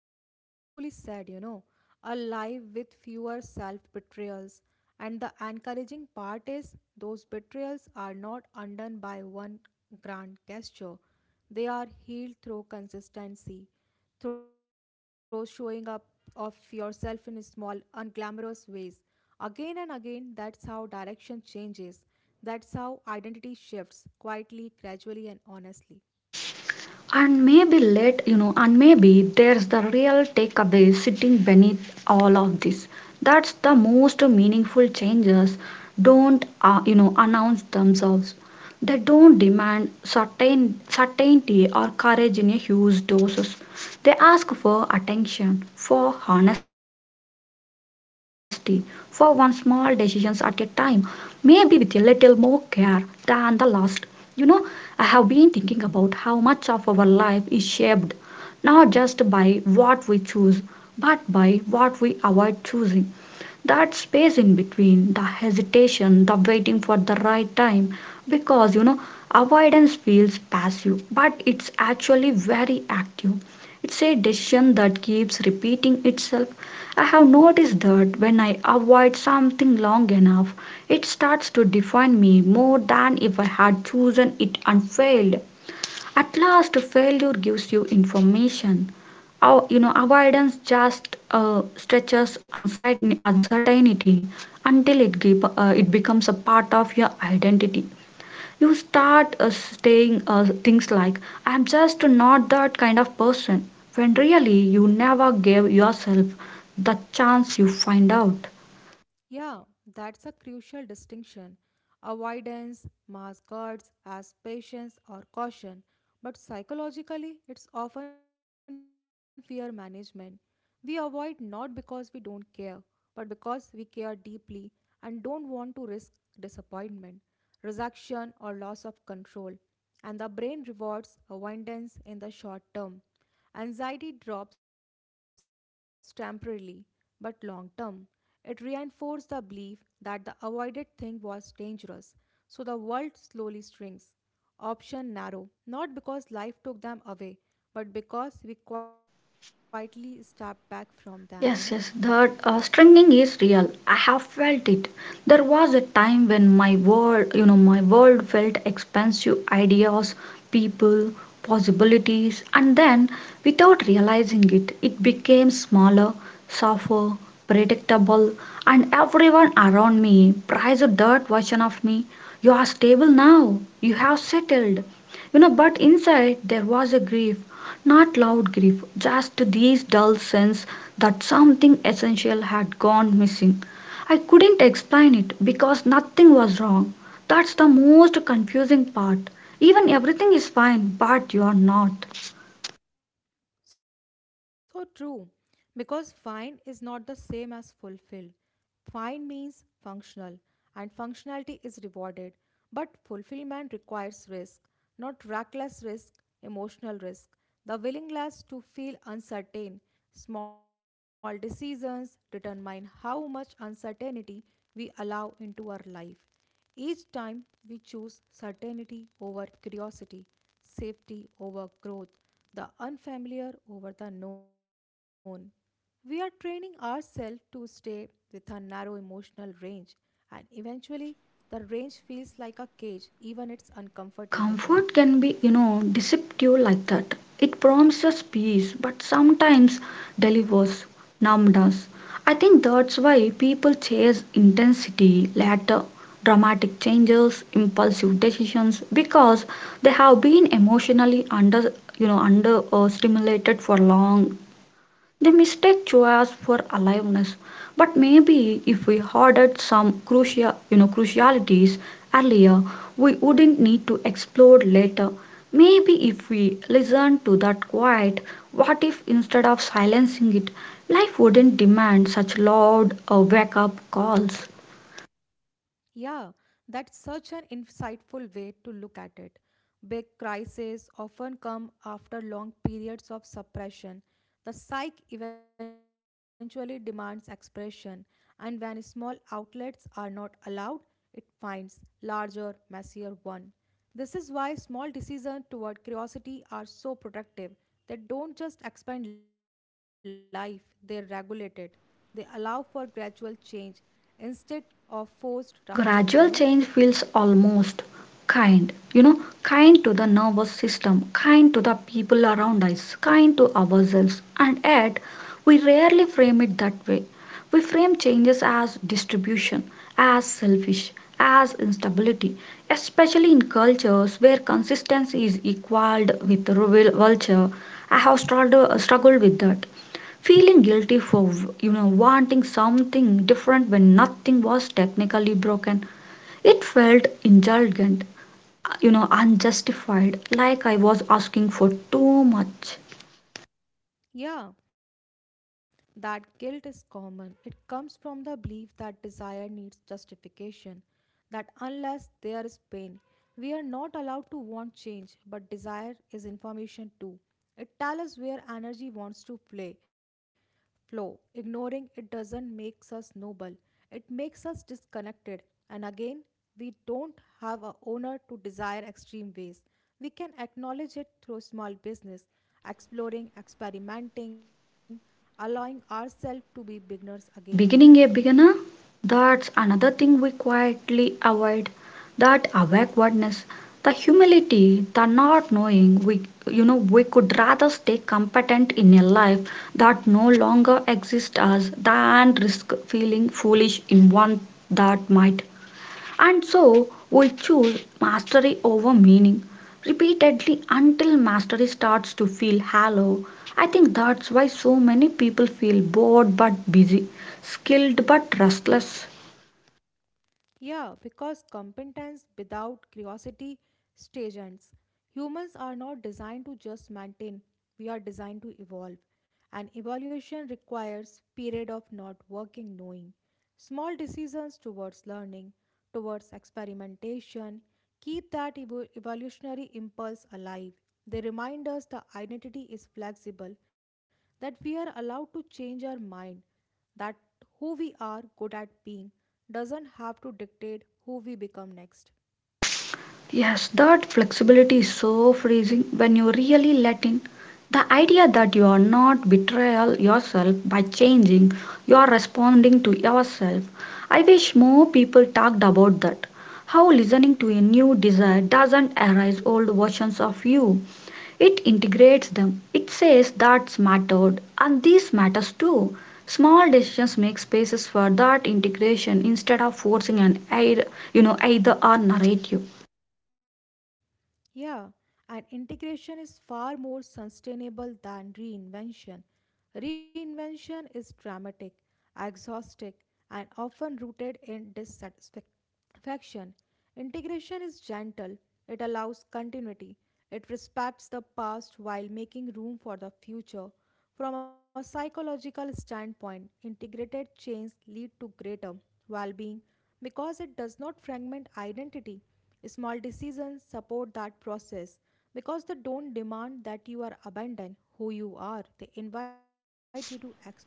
Speaker 2: That's beautifully said, A life with fewer self betrayals. And the encouraging part is those betrayals are not undone by one grand gesture. They are healed through consistency, through showing up of yourself in small, unglamorous ways. Again and again, that's how direction changes. That's how identity shifts quietly, gradually, and honestly.
Speaker 1: And maybe, and maybe there's the real takeaway sitting beneath all of this. That's the most meaningful changes don't, announce themselves. They don't demand certainty or courage in a huge doses. They ask for attention, for honesty, for one small decisions at a time, maybe with a little more care than the last. You know, I have been thinking about how much of our life is shaped, not just by what we choose, but by what we avoid choosing, that space in between, the hesitation, the waiting for the right time. Because avoidance feels passive, but it's actually very active. It's a decision that keeps repeating itself. I have noticed that when I avoid something long enough, it starts to define me more than if I had chosen it and failed. At last, failure gives you information. Our, avoidance just stretches uncertainty until it becomes a part of your identity. You start saying things like, "I'm just not that kind of person," when really you never gave yourself the chance. You find out.
Speaker 2: Yeah, that's a crucial distinction. Avoidance masquerades as patience or caution, but psychologically, it's often fear management. We avoid not because we don't care, but because we care deeply and don't want to risk disappointment, rejection, or loss of control. And the brain rewards avoidance in the short term. Anxiety drops temporarily, but long term, it reinforces the belief that the avoided thing was dangerous, so the world slowly shrinks. Option narrow, not because life took them away, but because we quietly step back from them.
Speaker 1: Yes, yes, that stringing is real. I have felt it. There was a time when my world, my world felt expansive, ideas, people, possibilities, and then without realizing it, it became smaller, softer, predictable, and everyone around me prized that version of me. You are stable now, you have settled. You know, but inside there was a grief, not loud grief, just these dull sense that something essential had gone missing. I couldn't explain it because nothing was wrong. That's the most confusing part. Even everything is fine, but you're not.
Speaker 2: So true. Because fine is not the same as fulfill. Fine means functional, and functionality is rewarded. But fulfillment requires risk, not reckless risk, emotional risk. The willingness to feel uncertain. Small decisions determine how much uncertainty we allow into our life. Each time we choose certainty over curiosity, safety over growth, the unfamiliar over the known. We are training ourselves to stay with a narrow emotional range, and eventually, the range feels like a cage, even it's uncomfortable,
Speaker 1: Comfort can be, deceptive like that. It promises peace, but sometimes delivers numbness. I think that's why people chase intensity, later dramatic changes, impulsive decisions, because they have been emotionally under, stimulated for long. They mistake choice for aliveness. But maybe if we ordered some crucial, crucialities earlier, we wouldn't need to explode later. Maybe if we listened to that quiet, what if instead of silencing it, life wouldn't demand such loud wake up calls.
Speaker 2: Yeah, that's such an insightful way to look at it. Big crises often come after long periods of suppression. The psyche eventually demands expression, and when small outlets are not allowed, it finds larger, messier one. This is why small decisions toward curiosity are so protective. They don't just expand life, they regulate it. They allow for gradual change instead of forced rupture.
Speaker 1: Gradual change feels almost kind, kind to the nervous system, kind to the people around us, kind to ourselves, and yet we rarely frame it that way. We frame changes as distribution, as selfish, as instability, especially in cultures where consistency is equaled with vulture. I have struggled with that. Feeling guilty for wanting something different when nothing was technically broken, it felt indulgent, unjustified, like I was asking for too much.
Speaker 2: Yeah, that guilt is common. It comes from the belief that desire needs justification, that unless there is pain, we are not allowed to want change, but desire is information too. It tells us where energy wants to play flow. Ignoring it doesn't make us noble, it makes us disconnected. And again, we don't have a owner to desire extreme ways. We can acknowledge it through small business, exploring, experimenting, allowing ourselves to be beginners again,
Speaker 1: Beginning a beginner, that's another thing we quietly avoid, that awkwardness, the humility, the not knowing. We, we could rather stay competent in a life that no longer exists us than risk feeling foolish in one that might. And so we choose mastery over meaning repeatedly until mastery starts to feel hollow. I think that's why so many people feel bored but busy, skilled but restless.
Speaker 2: Yeah, because competence without curiosity stagnants. Humans are not designed to just maintain, we are designed to evolve. And evolution requires period of not working knowing. Small decisions towards learning, towards experimentation, keep that evolutionary impulse alive. They remind us the identity is flexible, that we are allowed to change our mind that who we are good at being doesn't have to dictate who we become next.
Speaker 1: Yes, that flexibility is so freezing when you really let in. The idea that you are not betrayal yourself by changing, you are responding to yourself. I wish more people talked about that. How listening to a new desire doesn't erase old versions of you. It integrates them. It says that's mattered and this matters too. Small decisions make spaces for that integration instead of forcing an either, either or narrative.
Speaker 2: Yeah, and integration is far more sustainable than reinvention. Reinvention is dramatic, exhaustic, and often rooted in dissatisfaction. Integration is gentle, it allows continuity, it respects the past while making room for the future. From a psychological standpoint, integrated change lead to greater well-being because it does not fragment identity. Small decisions support that process because they don't demand that you are abandon who you are. They invite you to expand.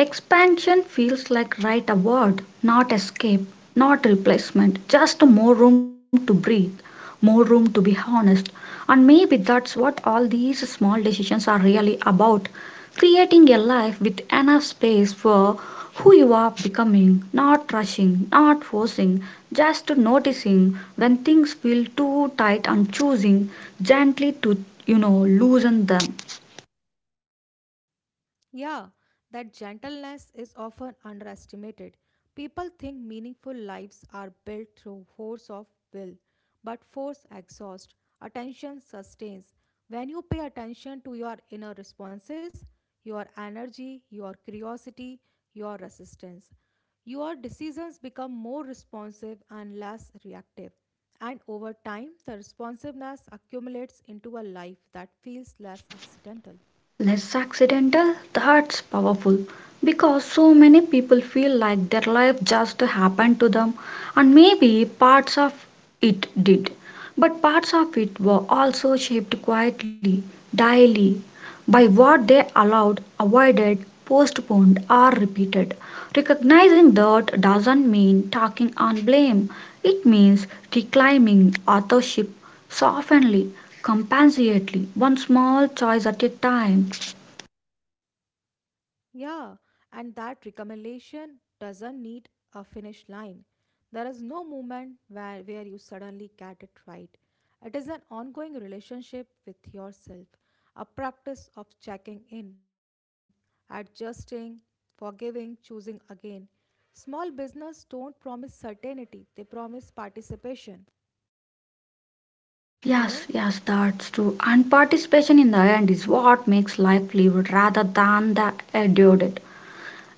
Speaker 1: Expansion feels like right award, not escape, not replacement, just more room to breathe, more room to be honest. And maybe that's what all these small decisions are really about, creating a life with enough space for who you are becoming, not rushing, not forcing, just noticing when things feel too tight and choosing gently to, loosen them.
Speaker 2: Yeah, that gentleness is often underestimated. People think meaningful lives are built through force of will, but force exhausts, attention sustains. When you pay attention to your inner responses, your energy, your curiosity, your resistance, your decisions become more responsive and less reactive. And over time, the responsiveness accumulates into a life that feels less accidental.
Speaker 1: Less accidental, that's powerful, because so many people feel like their life just happened to them, and maybe parts of it did, but parts of it were also shaped quietly, daily, by what they allowed, avoided, postponed, or repeated. Recognizing that doesn't mean talking on blame, it means reclaiming authorship, softly, compassionately, one small choice at a time.
Speaker 2: Yeah, and that recommendation doesn't need a finish line. There is no moment where you suddenly get it right. It is an ongoing relationship with yourself, a practice of checking in, adjusting, forgiving, choosing again. Small business don't promise certainty, they promise participation,
Speaker 1: Yes,
Speaker 2: you know?
Speaker 1: yes, that's true. And participation in the end is what makes life lived rather than the endured,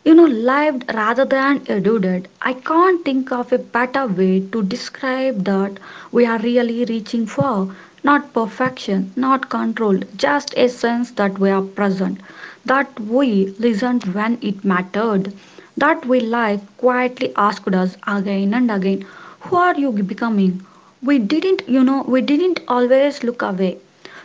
Speaker 1: lived rather than eluded. I can't think of a better way to describe that we are really reaching for. Not perfection, not control, just a sense that we are present, that we listened when it mattered, that we life quietly asked us again and again, who are you becoming? We didn't, we didn't always look away.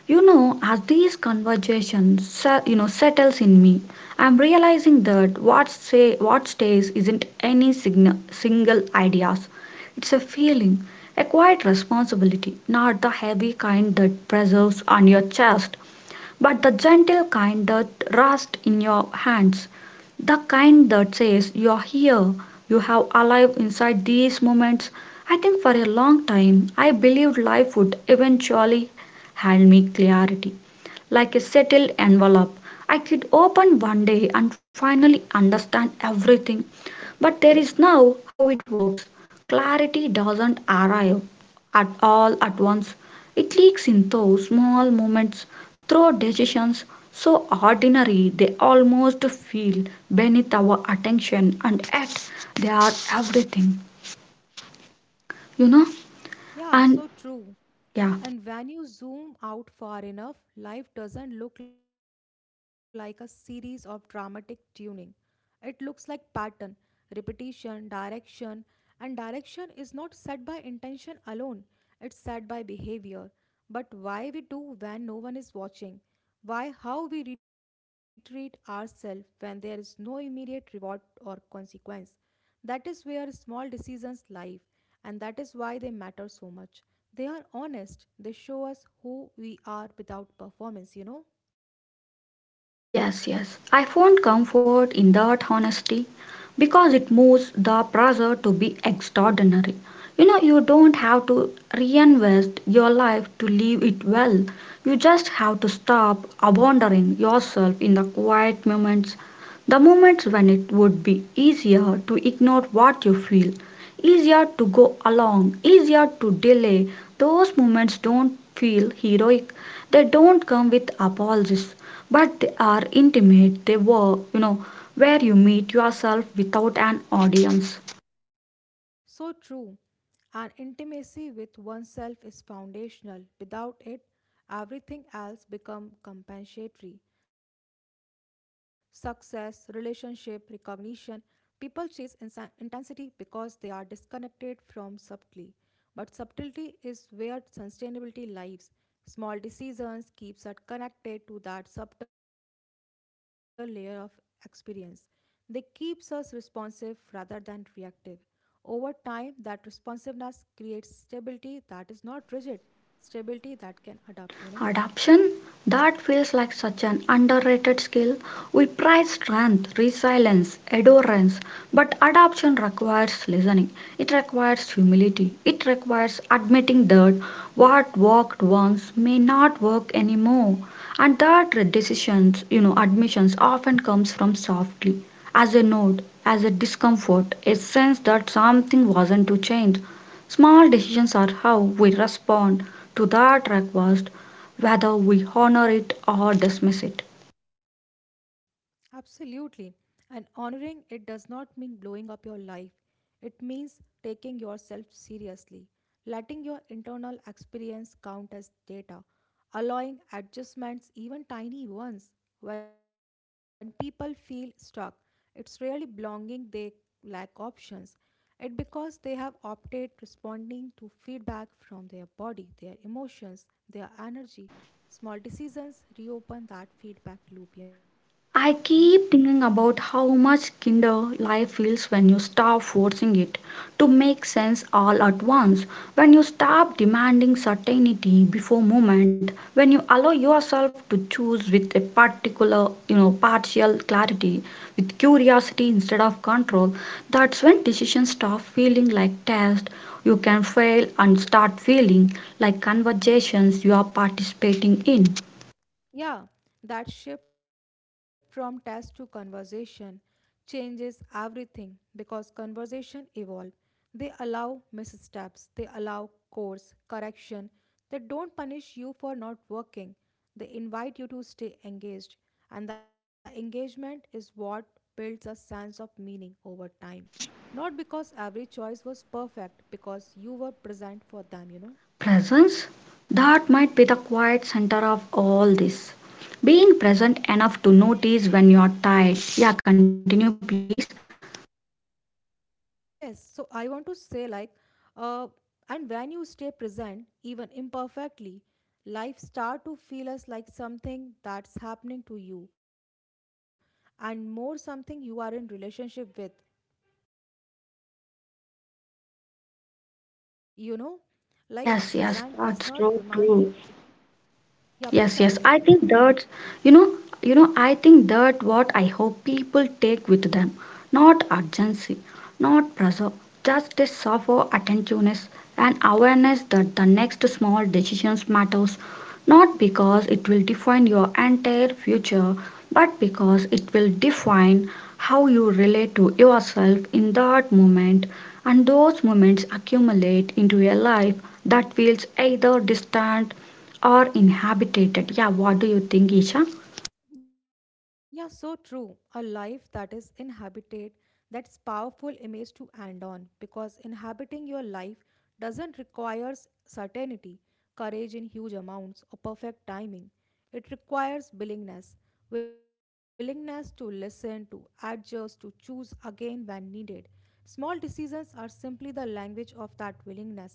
Speaker 1: You know, as these conversations, settles in me, I'm realizing that what stays isn't any sign single ideas. It's a feeling, a quiet responsibility, not the heavy kind that preserves on your chest, but the gentle kind that rests in your hands, the kind that says, you're here, you have alive inside these moments. I think for a long time I believed life would eventually hand me clarity. Like a settled envelope, I could open one day and finally understand everything. But there is now how it works. Clarity doesn't arrive at all at once. It leaks in those small moments through decisions so ordinary they almost feel beneath our attention, and yet they are everything, you know,
Speaker 2: Yeah,
Speaker 1: and
Speaker 2: so true.
Speaker 1: yeah.
Speaker 2: And when you zoom out far enough, life doesn't look like a series of dramatic tuning. It looks like pattern, repetition, direction, and direction is not set by intention alone. It's set by behavior. But why we do when no one is watching? Why how we retreat ourselves when there is no immediate reward or consequence? That is where small decisions lie and that is why they matter so much. They are honest, they show us who we are without performance,
Speaker 1: Yes, yes. I found comfort in that honesty because it moves the pressure to be extraordinary. You know, you don't have to reinvest your life to live it well. You just have to stop abandoning yourself in the quiet moments, the moments when it would be easier to ignore what you feel, easier to go along, easier to delay. Those moments don't feel heroic. They don't come with apologies, but they are intimate. They were, where you meet yourself without an audience.
Speaker 2: So true. An intimacy with oneself is foundational. Without it, everything else becomes compensatory. Success, relationship, recognition. People chase intensity because they are disconnected from subtlety. But subtlety is where sustainability lies. Small decisions keeps us connected to that subtle layer of experience. They keeps us responsive rather than reactive. Over time, that responsiveness creates stability that is not rigid, stability that can adapt,
Speaker 1: Adaption, that feels like such an underrated skill. We prize strength, resilience, endurance, but adaption requires listening. It requires humility. It requires admitting that what worked once may not work anymore, and that decisions, admissions often comes from softly, as a note, as a discomfort, a sense that something wasn't to change. Small decisions are how we respond to that request, whether we honor it or dismiss it.
Speaker 2: Absolutely. And honoring it does not mean blowing up your life, it means taking yourself seriously, letting your internal experience count as data, allowing adjustments, even tiny ones. When people feel stuck, It's rarely belonging they lack options. It because they have opted responding to feedback from their body, their emotions, their energy. Small decisions reopen that feedback
Speaker 1: I
Speaker 2: loop,
Speaker 1: keep thinking about how much kinder life feels when you stop forcing it to make sense all at once, when you stop demanding certainty before moment, when you allow yourself to choose with a partial clarity, with curiosity instead of control. That's when decisions stop feeling like tests you can fail and start feeling like conversations you are participating in.
Speaker 2: Yeah, that shift from test to conversation changes everything because conversation evolve. They allow missteps, they allow course correction. They don't punish you for not working. They invite you to stay engaged, and the engagement is what builds a sense of meaning over time. Not because every choice was perfect, because you were present for them,
Speaker 1: Presence? That might be the quiet center of all this. Being present enough to notice when you're tired. Yeah, continue, please.
Speaker 2: Yes, so I want to say, uh, and when you stay present, even imperfectly, life start to feel as like something that's happening to you, and more something you are in relationship with. You know, like
Speaker 1: Yes, yes,
Speaker 2: present does
Speaker 1: that's
Speaker 2: not
Speaker 1: so
Speaker 2: demand.
Speaker 1: true.
Speaker 2: Yeah, please
Speaker 1: Yes, yes.
Speaker 2: continue.
Speaker 1: I think that's, you know, I think that what I hope people take with them. Not urgency, not pressure, just a soft attentiveness and awareness that the next small decisions matters, not because it will define your entire future, but because it will define how you relate to yourself in that moment, and those moments accumulate into a life that feels either distant or inhabited. Yeah, what do you think, Isha?
Speaker 2: Yeah, so true. A life that is inhabited, that's powerful image to end on because inhabiting your life doesn't requires certainty, courage in huge amounts, or perfect timing. It requires willingness, willingness to listen, to adjust, to choose again when needed. Small decisions are simply the language of that willingness,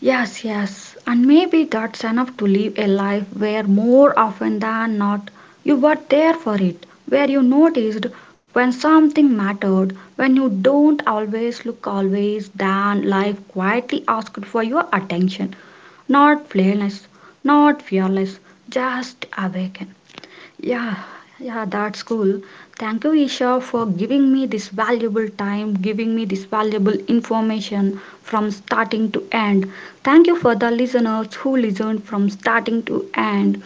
Speaker 1: Yes, yes. And maybe that's enough to live a life where more often than not you were there for it, where you noticed when something mattered, when you don't always look always, then life quietly asked for your attention. Not fearless, Not fearless, just awaken. Yeah, yeah, that's cool. Thank you, Isha, for giving me this valuable time, giving me this valuable information from starting to end. Thank you for the listeners who listened from starting to end.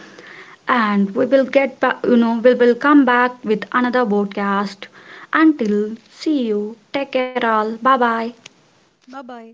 Speaker 1: And we will get back, we will come back with another podcast. Until see you, take care all. Bye bye.
Speaker 2: Bye bye.